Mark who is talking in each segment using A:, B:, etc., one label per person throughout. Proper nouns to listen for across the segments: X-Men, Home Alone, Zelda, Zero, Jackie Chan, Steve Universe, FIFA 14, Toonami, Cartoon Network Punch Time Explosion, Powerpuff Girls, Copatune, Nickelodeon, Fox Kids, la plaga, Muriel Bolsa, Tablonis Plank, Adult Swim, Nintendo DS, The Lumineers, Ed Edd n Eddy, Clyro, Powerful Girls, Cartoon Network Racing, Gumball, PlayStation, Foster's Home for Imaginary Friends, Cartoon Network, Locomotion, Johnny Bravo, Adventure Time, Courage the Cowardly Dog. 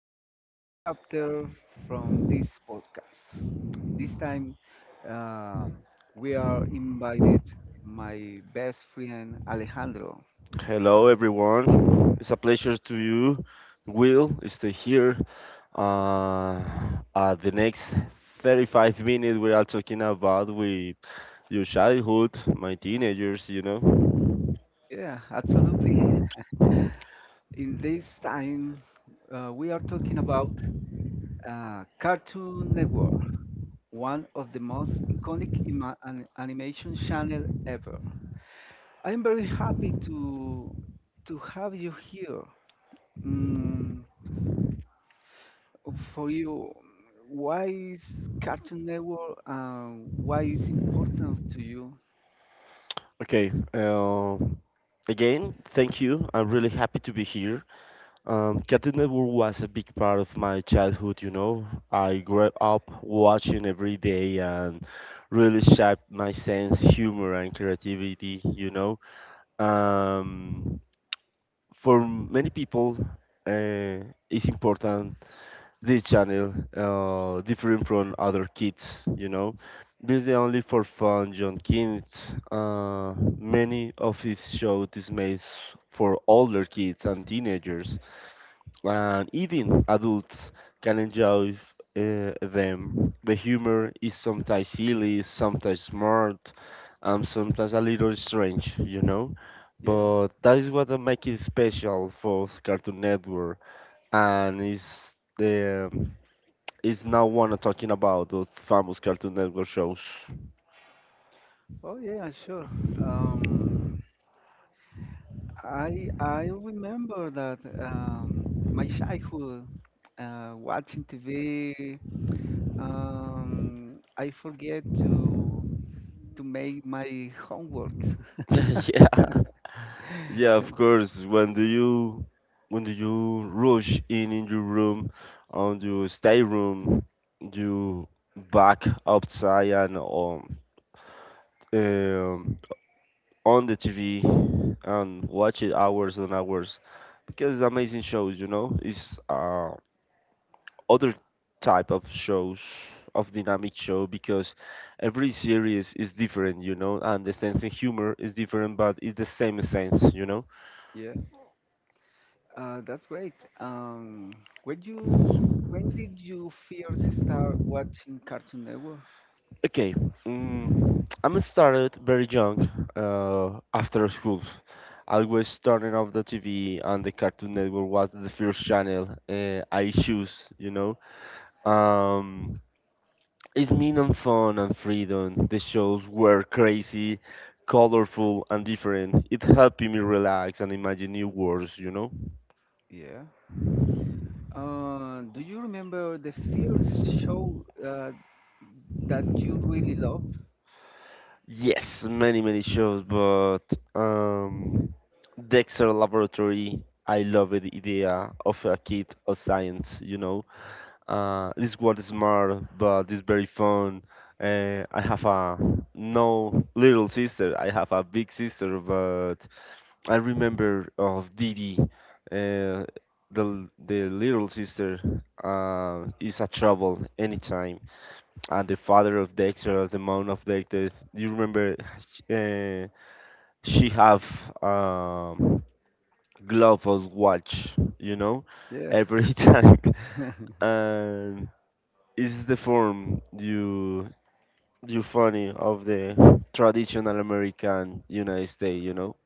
A: next chapter from this podcast. This time, um, we are invited my best friend Alejandro.
B: Hello, everyone. It's a pleasure to you, Will, stay here. Uh, the next 35 minutes, we are talking about with your childhood, my teenagers, you know.
A: Yeah, absolutely. In this time, we are talking about Cartoon Network, one of the most iconic animation channel ever. I'm very happy to have you here. Mm, for you, why is Cartoon Network, why is important to you?
B: Okay. Again, thank you. I'm really happy to be here. Cartoon Network was a big part of my childhood. You know, I grew up watching every day and really shaped my sense, humor, and creativity. You know. Um, for many people, uh, it's important this channel different from other kids. You know, this is only for fun, John kids. Many of his shows is made for older kids and teenagers and even adults can enjoy them. The humor is sometimes silly, sometimes smart, and sometimes a little strange, you know.
A: Yeah.
B: But that is what makes it special for Cartoon Network, and is the is now one talking about those famous Cartoon Network shows.
A: Oh yeah, sure. Um, I remember that my childhood, watching TV. I forget to make my homeworks.
B: Yeah. Yeah, of course. When do you rush in your room, on your stay room, you back outside and um on the TV and watch it hours and hours because amazing shows, you know, it's other type of shows of dynamic show because every series is different, you know, and the sense of humor is different, but it's the same sense, you know.
A: Yeah, that's great. Um, when did you first start watching Cartoon Network?
B: Okay, I'm started very young after school. I was turning off the TV, and the Cartoon Network was the first channel I choose. You know, um, it's mean and fun and freedom. The shows were crazy, colorful, and different. It helped me relax and imagine new worlds. You know.
A: Yeah. Do you remember the first show that you really loved?
B: Yes, many, many shows, but um, Dexter Laboratory, I love the idea of a kid of science, you know. This world is smart, but it's very fun. I have a no little sister. I have a big sister, but I remember of Didi, uh, the little sister, is a trouble anytime and the father of Dexter, of the mom of Dexter. Do you remember? Uh, she have um, glove of watch, you know,
A: Yeah.
B: every time, and it's the form you funny of the traditional American United States, you know.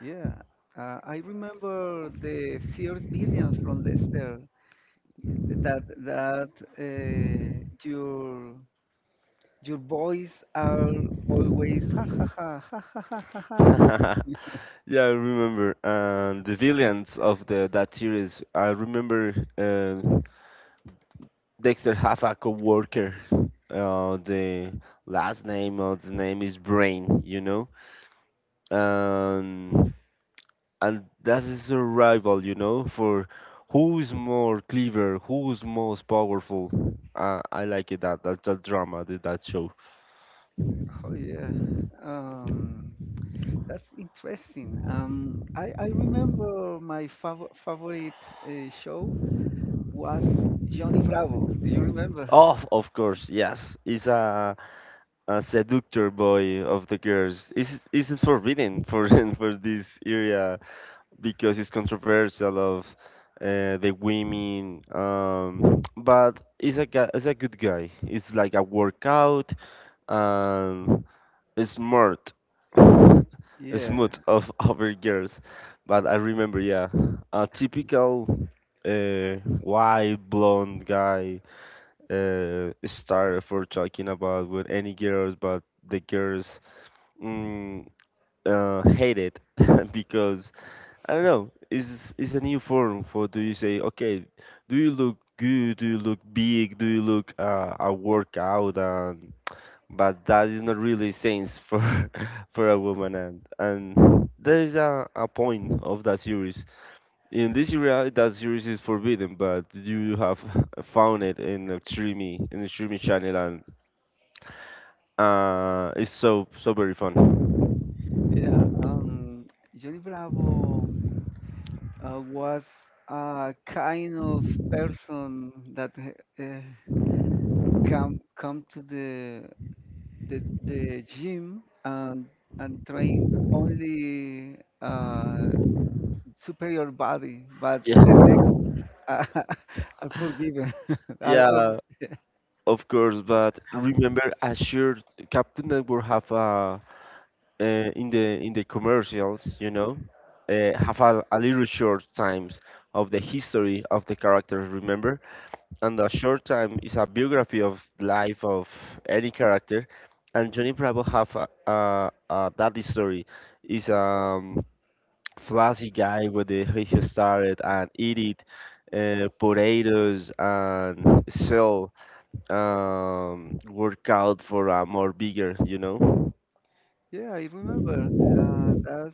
A: Yeah. I remember the first billions from Lester. That uh, your your boys are always ha ha ha ha ha ha ha. Ha."
B: Yeah, I remember. And the villains of the that series, I remember. Dexter have a coworker. The last name of the name is Brain, you know, and that is a rival, you know, for who is more clever, who is most powerful. I like it that that drama, that show.
A: Oh yeah. Um, that's interesting. I remember my favorite show was Johnny Bravo. Do you remember?
B: Oh, of course, yes, it's a seductor boy of the girls. Is it forbidden for for this area because it's controversial of the women? But he's a guy, is a good guy. It's like a workout and smart,
A: Yeah,
B: smooth of other girls. But I remember, yeah, a typical. White blonde guy star for talking about with any girls, but the girls Mm, hate it because I don't know. It's a new form for do you say okay? Do you look good? Do you look big? Do you look a workout? And but that is not really sense for for a woman and there is a point of that series. In this area, that series is forbidden, but you have found it in the streaming channel and it's so so very fun.
A: yeah. Johnny Bravo was a kind of person that come to the gym and train only uh, superior body, but the legs are, are forgiven, are, are.
B: Yeah, of course, but remember Azure Captain Network have a in the commercials, you know, have a little short times of the history of the characters. Remember, and a short time is a biography of life of any character, and Johnny Bravo have a daddy story. Is flashy guy with the he started and eat it, potatoes and sell work out for a more bigger, you know?
A: Yeah, I remember. That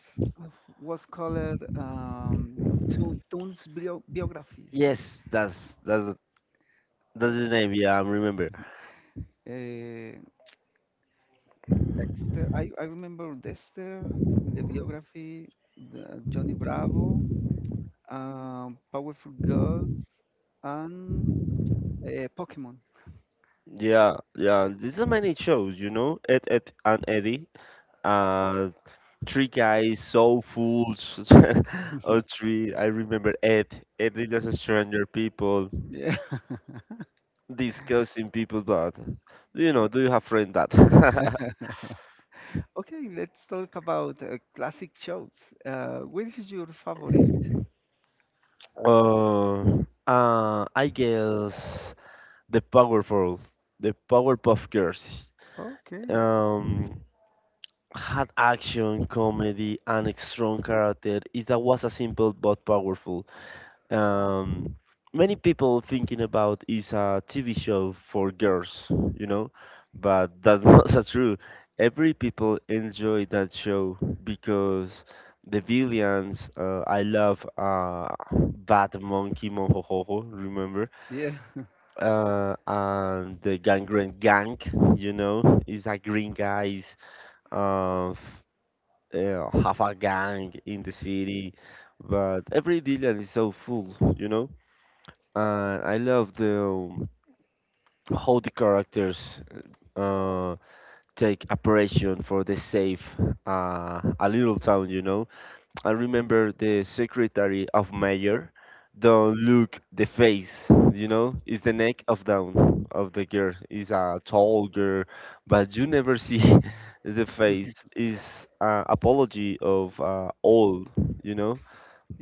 A: was called Toon's biography.
B: Yes, that's
A: Uh,
B: that's the name. Yeah, I remember.
A: uh, Dexter. I remember Dexter in the biography, the Johnny Bravo, Powerful Girls, and Pokemon.
B: Yeah, yeah. These are many shows, you know. Ed, Ed and Eddie, uh, Three Guys, so Fools, or three. I remember Ed. Ed is just a stranger people,
A: Yeah.
B: discussing people, but you know, do you have friend that?
A: Okay, let's talk about classic shows. Which is your favorite?
B: Uh, I guess the Powerful, the Powerpuff Girls.
A: Okay.
B: um, Had action, comedy, and a strong character. It that was a simple but powerful. Um, Many people thinking about is a TV show for girls, you know, but that's not so true. Every people enjoy that show because the villains. I love Bad Monkey Mohohoho. Remember?
A: Yeah.
B: And the gangrene gang, you know, is a green guy of have a gang in the city, but every villain is so full, you know. And I love the how the characters uh, take operation for the safe a little town, you know. I remember the secretary of mayor don't look the face, you know, it's the neck of down of the girl. Is a tall girl, but you never see the face. Is apology of all, you know,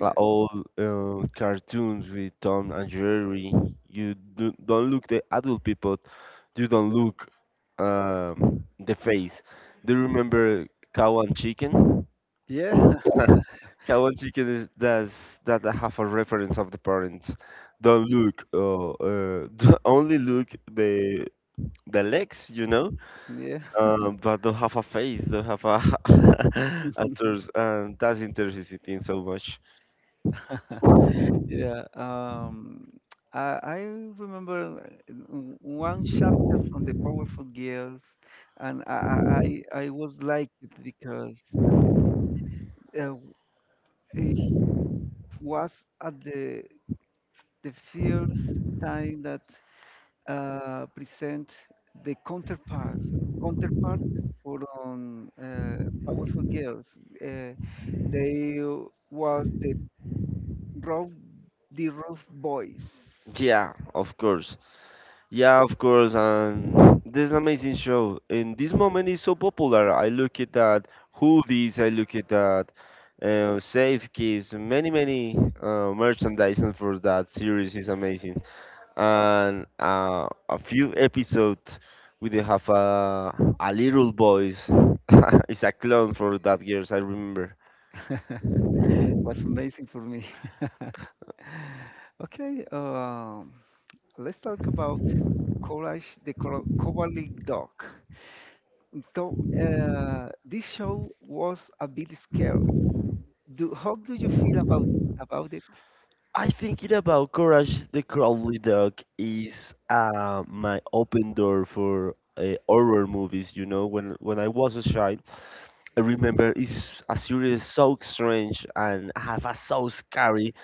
B: like all cartoons with Tom and Jerry. You do, don't look the adult people. You don't look the face. Do you remember Cow and Chicken?
A: Yeah.
B: How much you can does that have a reference of the parents? Don't look, don't only look the legs, you know,
A: Yeah.
B: but don't have a face, don't have a a torso, and that's interesting so much.
A: Yeah. I remember one chapter from the Powerful Girls, and I I was like it because uh, it was at the first time that present the counterpart counterpart for Powerful Girls. Uh, they was the Rob the Roof Boys.
B: Yeah, of course. Yeah, of course, and this is an amazing show. And this moment is so popular. I look at that hoodies, I look at that safe keys, many many merchandise for that series is amazing. And a few episodes, we did have a little boys. It's a clone for that girls. I remember.
A: Yeah, was amazing for me. Okay, let's talk about Courage the Cowardly Dog. So, this show was a bit scary. Do How do you feel about it?
B: I think it about Courage the Cowardly Dog is my open door for horror movies. You know, when I was a child, I remember it's a series so strange and have a so scary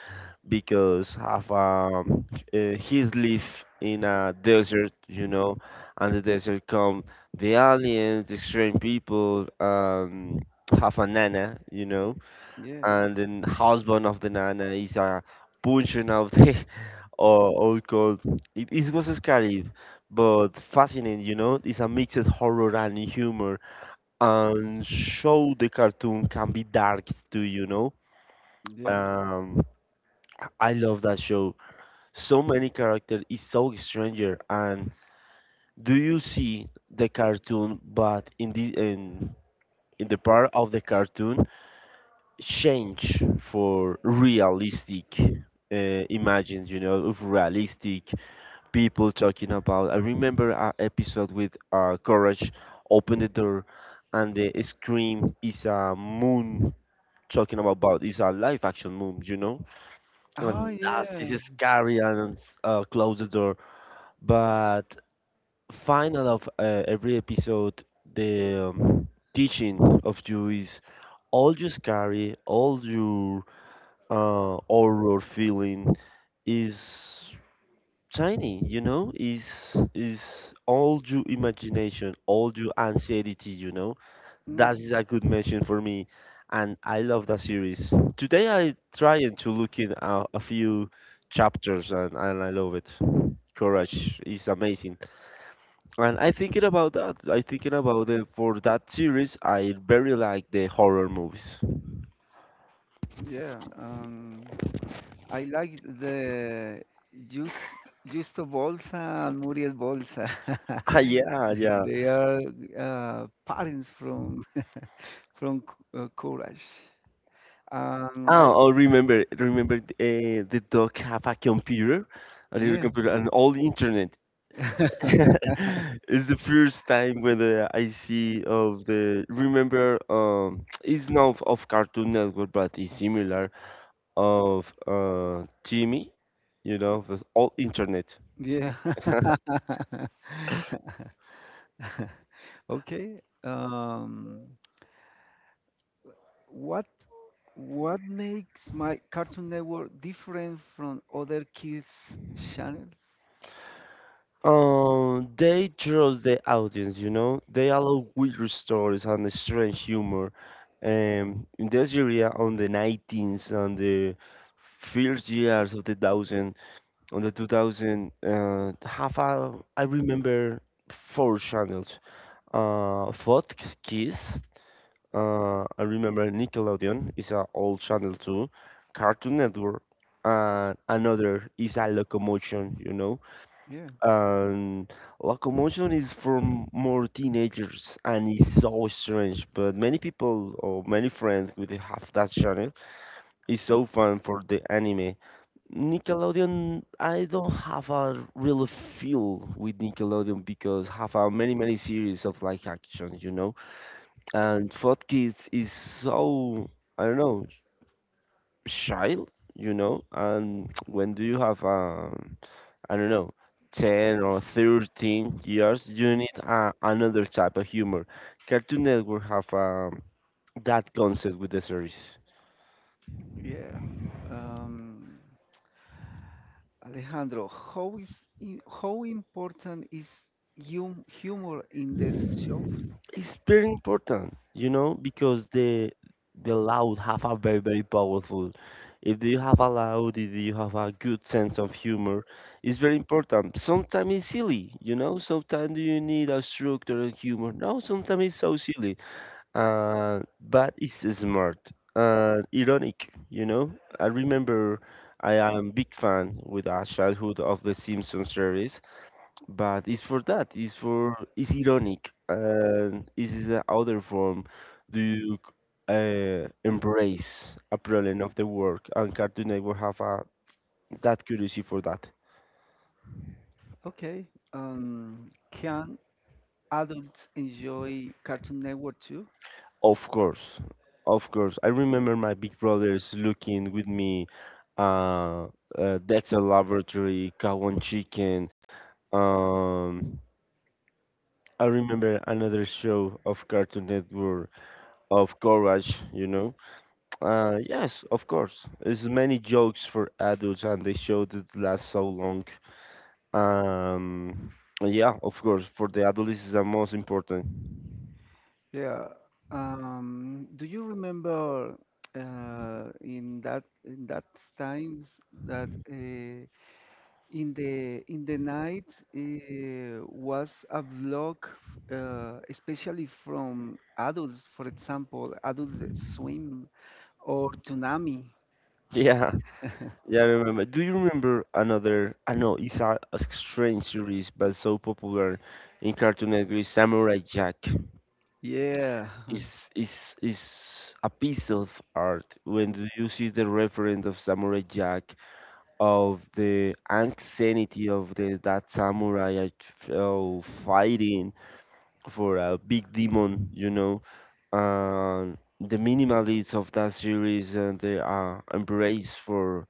B: because have his live in a desert. You know, and the desert come the aliens, the strange people, have a nana. You know
A: Yeah, uh,
B: and then husband of the nana is a punching of the or old gold. It was scary, but fascinating. You know, it's a mix of horror and humor, and show the cartoon can be dark too. You know,
A: yeah.
B: um, I love that show. So many characters is so stranger, and do you see the cartoon? But in the in the part of the cartoon change for realistic imagines, you know, of realistic people talking about. I remember an episode with Courage open the door and the scream is a moon talking about is a live action moon, you know,
A: No, oh
B: and
A: that,
B: that's is
A: yeah,
B: scary and close the door. But final of every episode, the teaching of you is all you carry, all your horror feeling is tiny, you know, is all your imagination, all your anxiety, you know. That
A: mm,
B: is a good mention for me, and I love that series. Today I trying to look in a few chapters, and I love it. Courage is amazing, and I thinking about that. I thinking about it for that series. I very like the horror movies.
A: yeah. I like the Just Justo Bolsa and Muriel Bolsa.
B: Ah, yeah, yeah.
A: They are parents from Courage. I ah,
B: Ah, oh, I remember, remember the dog have a computer, a little
A: yeah.
B: computer, and all the internet.
A: Yeah.
B: It's the first time when I see of the remember it's not of Cartoon Network but it's similar of Timmy, you know, with all internet.
A: Yeah. Okay. What what makes my Cartoon Network different from other kids channels?
B: They trust the audience, you know. They allow weird stories and strange humor. In this area, on the 19th and the first years of the thousand, on the 2000, half a, I remember four channels. Fox Kids. I remember Nickelodeon is an old channel too. Cartoon Network. And another is a locomotion, you know,
A: Yeah,
B: and locomotion is for more teenagers and it's so strange but many people or many friends with have that channel. It's so fun for the anime. Nickelodeon, I don't have a real feel with Nickelodeon because have a many many series of like action, you know, and for kids is so, I don't know, child, you know, and when do you have a I don't know, 10 or 13 years, you need another type of humor. Cartoon Network have that concept with the series.
A: yeah. Um, Alejandro, how is how important is humor in this show?
B: It's very important, you know, because the loud have a very very powerful. If you have a loud, if you have a good sense of humor, it's very important. Sometimes it's silly, you know. Sometimes you need a structure and humor. No, sometimes it's so silly but it's smart, ironic, you know. I remember I am big fan with a childhood of the Simpsons series, but it's for that. It's for it's ironic, and this is the other form. Do you Embrace a problem of the work, and Cartoon Network have a, that curiosity for that.
A: Okay. Can adults enjoy Cartoon Network too?
B: Of course, of course. I remember my big brothers looking with me. Uh, that's a laboratory, cow and chicken. Um, I remember another show of Cartoon Network of Courage. You know. Yes, of course. There's many jokes for adults, and they showed it last so long. Um, yeah, of course. For the adults, is the most important.
A: Yeah, um, do you remember in that times that in the night was a vlog, especially from adults, for example, Adult Swim or Toonami.
B: Yeah. Yeah, I remember. Do you remember another? I know it's a strange series, but so popular in Cartoon Network. Samurai Jack
A: Yeah.
B: is a piece of art. When do you see the reference of Samurai Jack, of the anxiety of the that samurai oh, fighting for a big demon, you know, and the minimalists of that series and the embrace for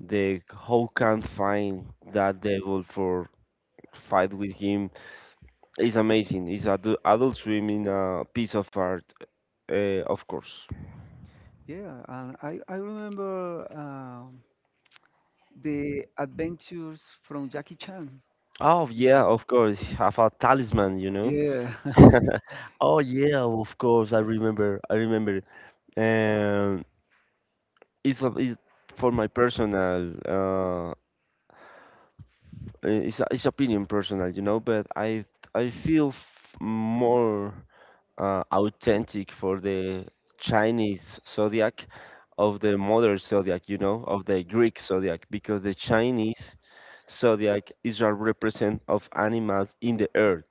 B: the how can find that devil for fight with him is amazing. Adult Swim in a piece of art, of course.
A: Yeah, and I remember the adventures from Jackie Chan.
B: Oh yeah, of course. Have a talisman, you
A: Mhm.
B: know.
A: Yeah.
B: Oh yeah, of course. I remember. I remember. Um, it's for my personal. It's opinion personal, you know. But I feel more, authentic for the Chinese zodiac of the modern zodiac, you know, of the Greek zodiac, because the Chinese zodiac is a represent of animals in the earth.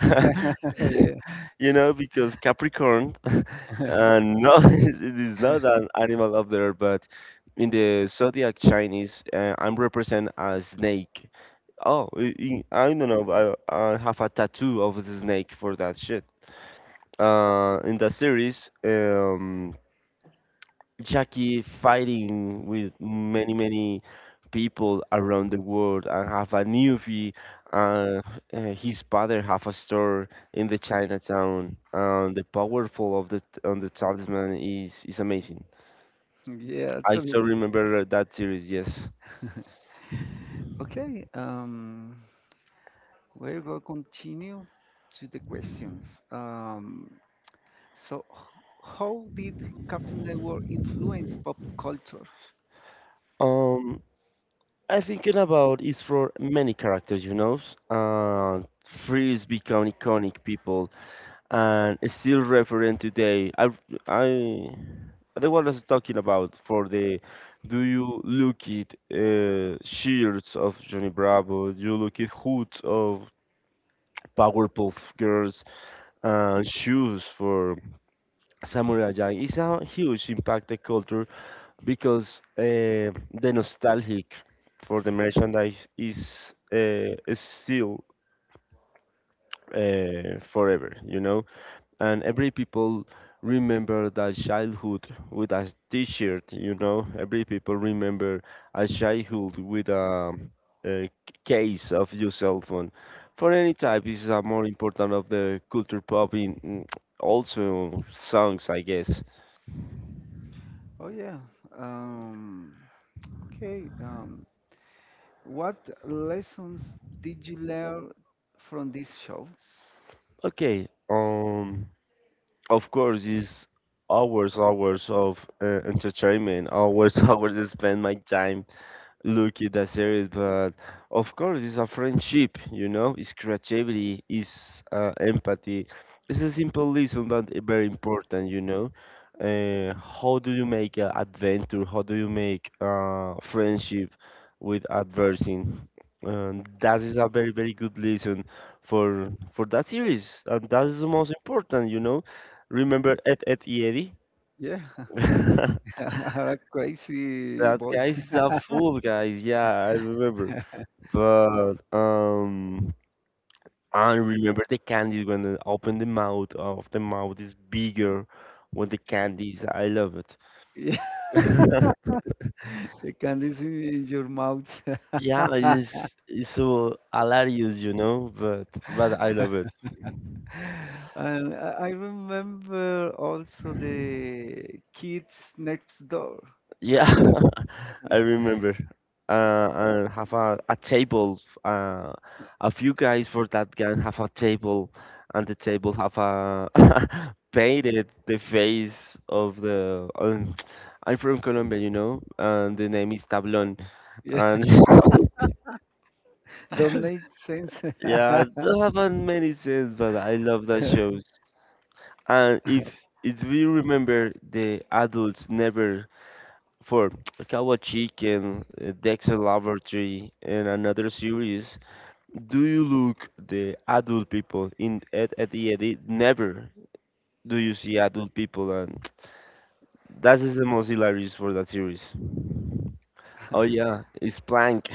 A: Yeah.
B: You know, because Capricorn,
A: man.
B: no, it is not an animal of the earth, but in the zodiac Chinese, I'm represent a snake. Oh, I, I don't know. I have a tattoo of the snake for that shit in the series, Jackie fighting with many people around the world and have a newbie. Uh, his father have a store in the Chinatown. And the powerful of the on the talisman is amazing.
A: Yeah,
B: I still
A: absolutely.
B: remember that series. Yes.
A: Absolutely. Okay, we're going to continue to the questions. So, how did Cartoon Network influence pop culture?
B: Um, I thinking about is for many characters, you know. Uh, Freeze become iconic people and it's still referent today. I The one I was talking about for the do you look at shirts of Johnny Bravo? Do you look at hoods of Powerpuff Girls and shoes for Samurai Jack? It's a huge impact the culture because the nostalgic for the merchandise is still forever. You know, and every people remember their childhood with a t-shirt, you know, every people remember a childhood with a case of your cell phone for any type, this is a more important of the culture pop in also songs, I guess.
A: Oh, yeah. Um, okay. What lessons did you learn from these shows?
B: Okay. Of course is hours of entertainment, hours hours I spend my time look at that series, but of course, it's a friendship, you know, it's creativity, it's empathy. It's a simple lesson, but very important, you know. How do you make an adventure? How do you make friendship with adversing? That is a very, very good lesson for that series, and that is the most important, you know. Remember Ed, Ed, y Eddie?
A: Yeah, are crazy.
B: That guy is a fool, guys. Yeah, I remember. But I remember the candies when the open the mouth of the mouth is bigger with the candies. I love it.
A: Yeah, they can listen in your mouth.
B: Yeah, it's so hilarious, you know, but I love it.
A: And I remember also the kids next door.
B: Yeah, I remember. And have a table. A few guys for that gang have a table, and the table have a painted the face of the. I'm from Colombia, you know, and the name is Tablón.
A: Yeah,
B: And
A: don't make sense.
B: yeah, don't have a many sense, but I love that shows. And if we remember, the adults never for Kawa Chicken, Dexter Laboratory, and another series, do you look the adult people in at the edit? Never do you see adult people, and that is the most hilarious for that series. Oh yeah, it's Plank.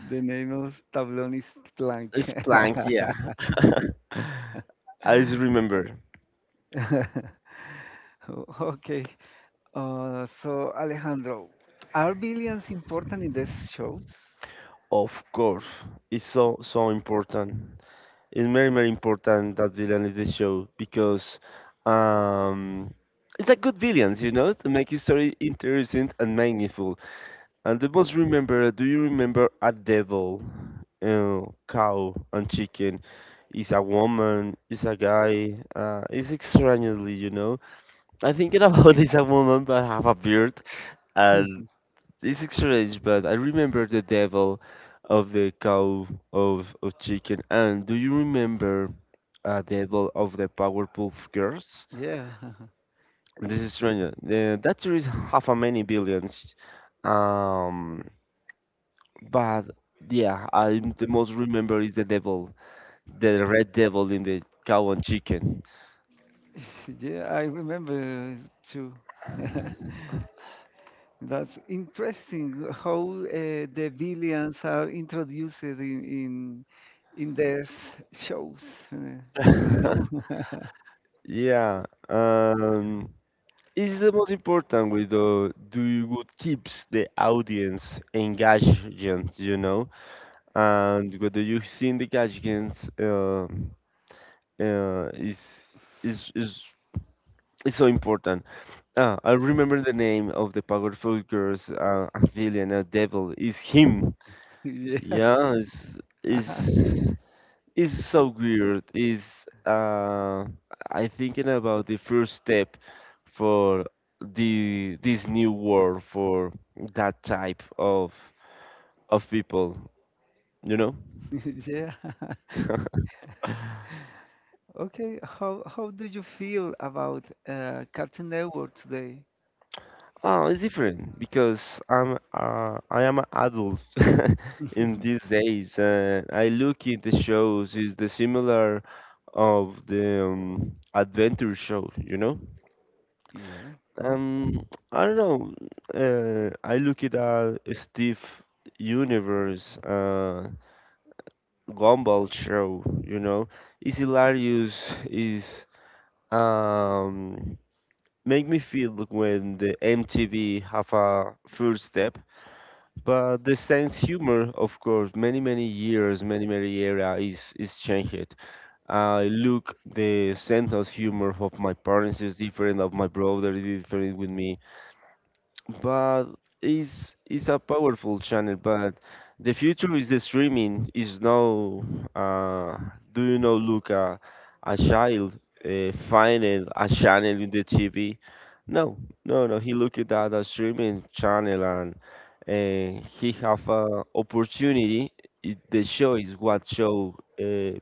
A: The name of Tablonis Plank.
B: It's Plank, yeah. I just remember.
A: Yeah. Okay, uh, so Alejandro, are billions important in these shows?
B: Of course, it's so important. It's very important that villain is the show because um, it's like good villains, you know, to make his story interesting and meaningful. And the most remember, do you remember a devil, uh, cow and chicken? Is a woman, is a guy, is extraordinarily, you know. I thinking about this a woman but have a beard and. It's strange, but I remember the devil of the cow of chicken. And do you remember a devil of the Powerpuff Girls?
A: Yeah,
B: This is strange. That series have a many billions. Um, but yeah, I the most remember is the devil, the red devil in the cow and chicken.
A: yeah, I remember too. That's interesting how the billions are introduced in in in these shows. Uh, you know,
B: Yeah. Um, is the most important way though do you what keeps the audience engaged, you know, and whether you see the engagement uh, is is is so important. Ah, I remember the name of the powerful girls, a villain, a devil, is him.
A: yes,
B: Yeah, is is. It's so weird. Is uh, I thinking about the first step for the this new world for that type of people, you know?
A: it's yeah. Okay, how do you feel about Cartoon Network today?
B: Oh, it's different because I am an adult in these days, and I look in the shows is the similar of the adventure show, you know?
A: Yeah,
B: Um, I don't know. I look at a Steve Universe, Gumball show. You know, it's hilarious. Is um make me feel like when the MTV have a first step, but the sense humor, of course, many years, many era is changed. I look the sense of humor of my parents is different, of my brother is different with me, but it's a powerful channel, but the future is the streaming is now. uh do you know look a child finding a channel in the TV? No no no he looked at a streaming channel, and he have a opportunity, it, the choice what show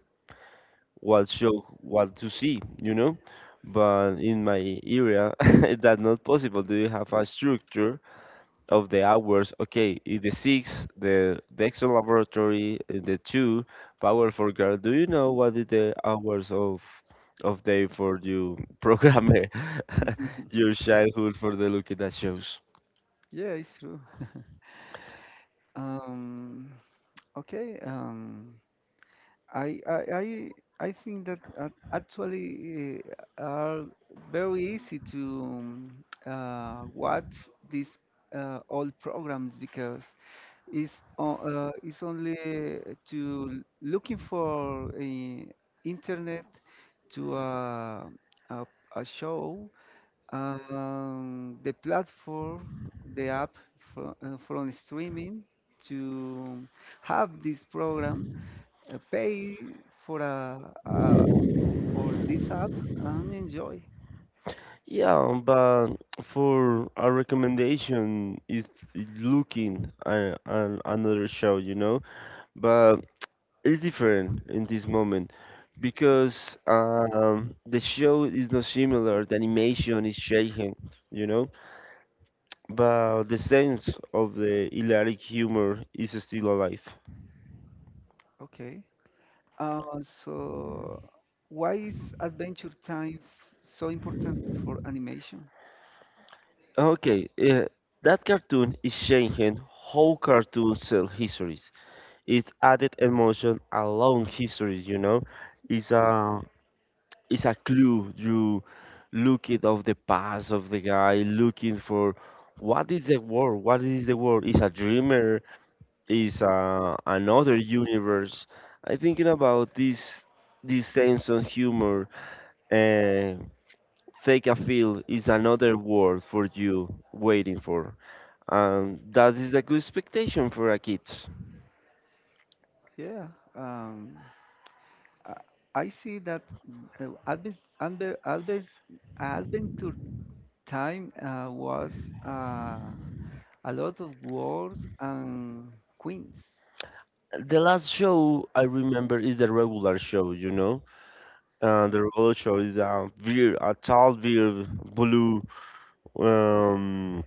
B: what show, what to see, you know. But in my area that's not possible. Do you have a structure of the hours. Okay, in the six, the Dexter laboratory, in the two, power for girl. Do you know what is the hours of day for you program your childhood for the looking at shows?
A: yeah, it's true. Um, okay. I, I, I, I think that actually are very easy to watch these old programs because it's, it's only to looking for internet to a, a show, the platform, the app from streaming to have this program, pay for a for this app and enjoy.
B: Yeah, but for a recommendation is looking at another show, you know. But it's different in this moment because the show is not similar. The animation is shaken, you know, but the sense of the hilarious humor is still alive.
A: Okay. So, why is Adventure Time so important for animation?
B: Okay, that cartoon is changing how cartoons tell histories. It's added emotion along histories, you know. It's a it's a clue you look it of the past of the guy looking for what is the world, what is the world, is a dreamer, is a, another universe. I thinking about this sense of humor, and fake a feel is another world for you waiting for, and that is a good expectation for a kid.
A: Yeah, um, I, I see that uh, Advent, Advent, Adventure Time was. Uh, A lot of wars and queens.
B: The last show I remember is the regular show, you know. The Revolution is a beer, a tall beer, blue, um,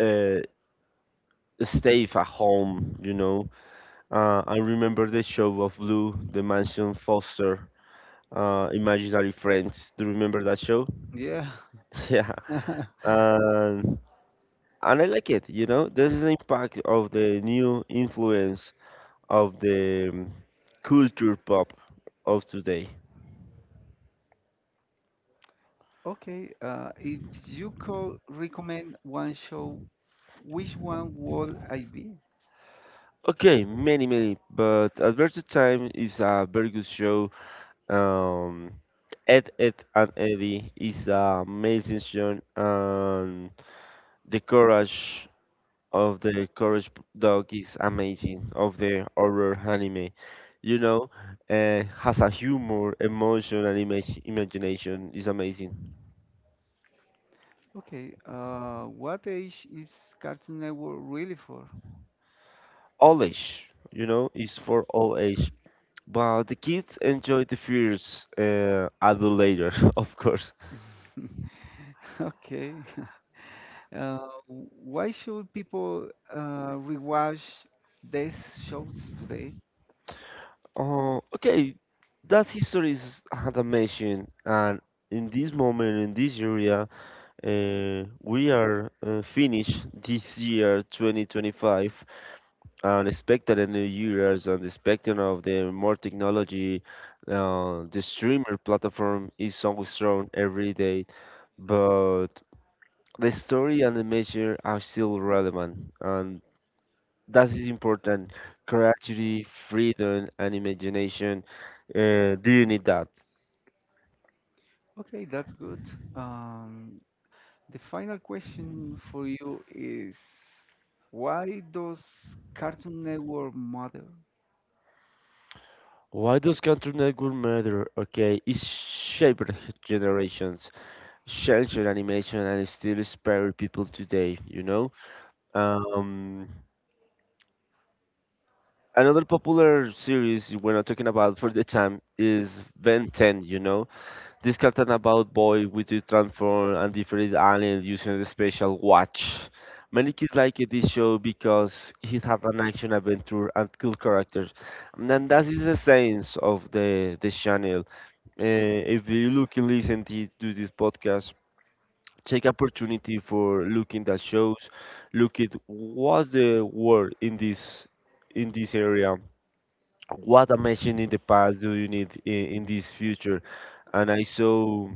B: uh, stave at home, you know. I remember the show of Blue, the Mansion Foster, Imaginary Friends. Do you remember that show?
A: Yeah.
B: Yeah. And, and I like it, you know. This is the impact of the new influence of the culture pop of today.
A: Okay, if you could recommend one show, which one would I be?
B: Okay, many, many, but Adventure Time is a very good show. Um, Ed, Ed and Eddie is an amazing show, and the courage the courage dog is amazing of the horror anime. You know, has a humor, emotion, and image imagination is amazing.
A: Okay, what age is Cartoon Network really for?
B: All age, you know, is for all age. But the kids enjoy the fears adult later, of course.
A: Okay, uh, why should people rewatch these shows today?
B: Oh, okay, that history is an amazing, and in this moment, in this area, we are finished this year 2025 and expected a new year and expecting of the more technology. The streamer platform is so strong every day, but the story and the measure are still relevant, and that is important: creativity, freedom, and imagination. Do you need that?
A: Okay, that's good. Um, The final question for you is why does Cartoon Network matter?
B: Why does country network matter? Okay, it shaped generations, sheltered animation, and it still inspire people today, you know? Um, Another popular series we're not talking about for the time is Ben 10, you know? This cartoon about boy with the transform and different alien using the special watch. Many kids like it, this show because it had an action adventure and cool characters. And then that is the essence of the channel. Uh, if you look and listen to this podcast, take opportunity for looking at shows, look at what's the world in this, in this area, what amazing in the past do you need in this future. And I so,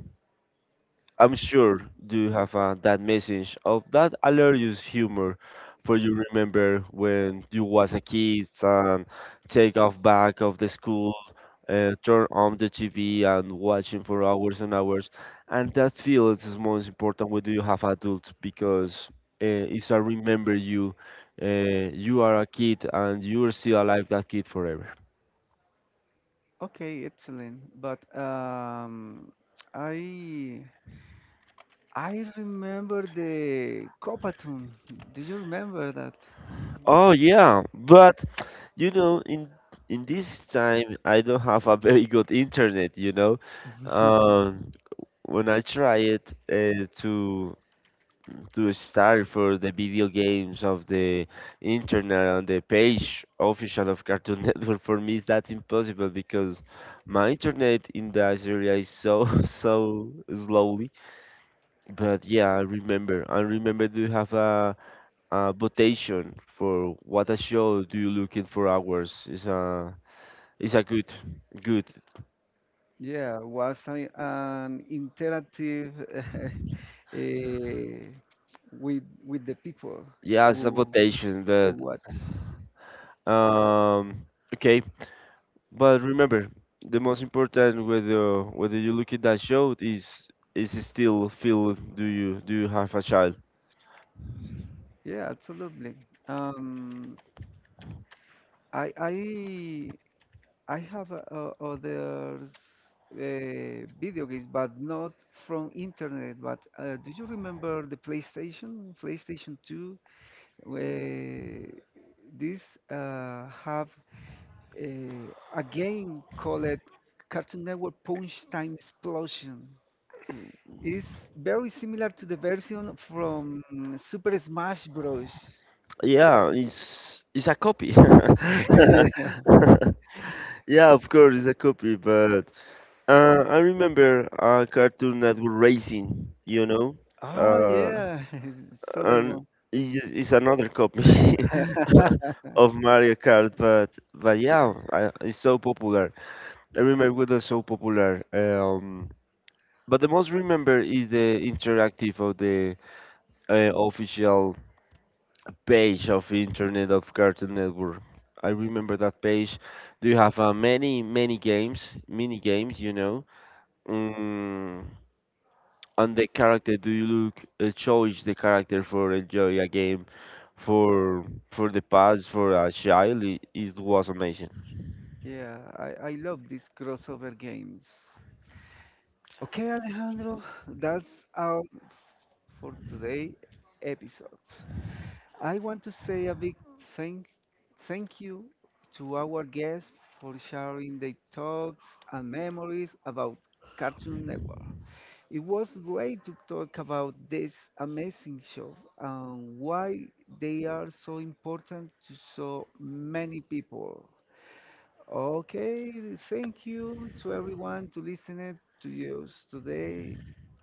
B: I'm sure you have that message of that hilarious humor for you remember when you was a kid and take off back of the school, turn on the TV and watching for hours and hours. And that feel is most important when you have adults because it's a remember you. You are a kid and you're still alive that kid forever.
A: Okay, excellent. But I I remember the Copatune. Do you remember that?
B: Oh yeah, but you know in this time I don't have a very good internet. You know,
A: Uh,
B: um, when I tried uh, to to start for the video games of the internet on the page official of Cartoon Network for me is that impossible because my internet in that area is so so slowly. But yeah, I remember. I remember, do you have a votation for what a show do you looking for hours? Is a good good,
A: yeah, was an interactive eh, with the people
B: yeah, it's a
A: who
B: votation.
A: who
B: But
A: watch.
B: um okay. But remember, the most important whether whether you look at that show is still feel, do you have a child?
A: Yeah, absolutely. Um, I I I have others video games, but not from internet. But do you remember the PlayStation, PlayStation 2, where this have uh, a game called Cartoon Network Punch Time Explosion? It's very similar to the version from Super Smash Bros.
B: Yeah, it's a copy. Yeah, of course it's a copy, but I remember Cartoon Network Racing, you know,
A: Oh
B: uh,
A: yeah, it's other.
B: and it's another copy of Mario Kart, but yeah, I, it's so popular. I remember it was so popular. But the most remember is the interactive of the official page of internet of Cartoon Network. I remember that page. Do you have many many games, mini games? You know, mm, on the character. Do you look choose the character for enjoy a game, for for the past for a child? It was amazing.
A: Yeah, I love these crossover games. Okay, Alejandro, that's all f- for today episode. I want to say a big thank thank you to our guests for sharing their thoughts and memories about Cartoon Network. It was great to talk about this amazing show and why they are so important to so many people. Okay, thank you to everyone to listening to us today.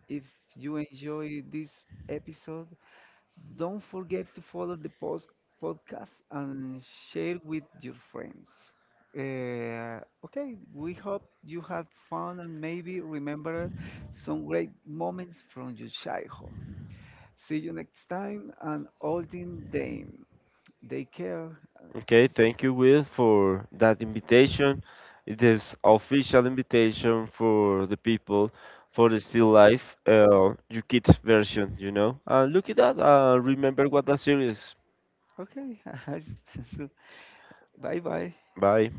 A: If you enjoy this episode, don't forget to follow the post podcast and share with your friends. Okay, we hope you had fun and maybe remember some great moments from your childhood. See you next time and all in them. Take care.
B: Okay, thank you, Will, for that invitation. It is official invitation for the people for the still life, Yukit version, you know. Look at that. Remember what that series.
A: Okay, bye bye.
B: Bye.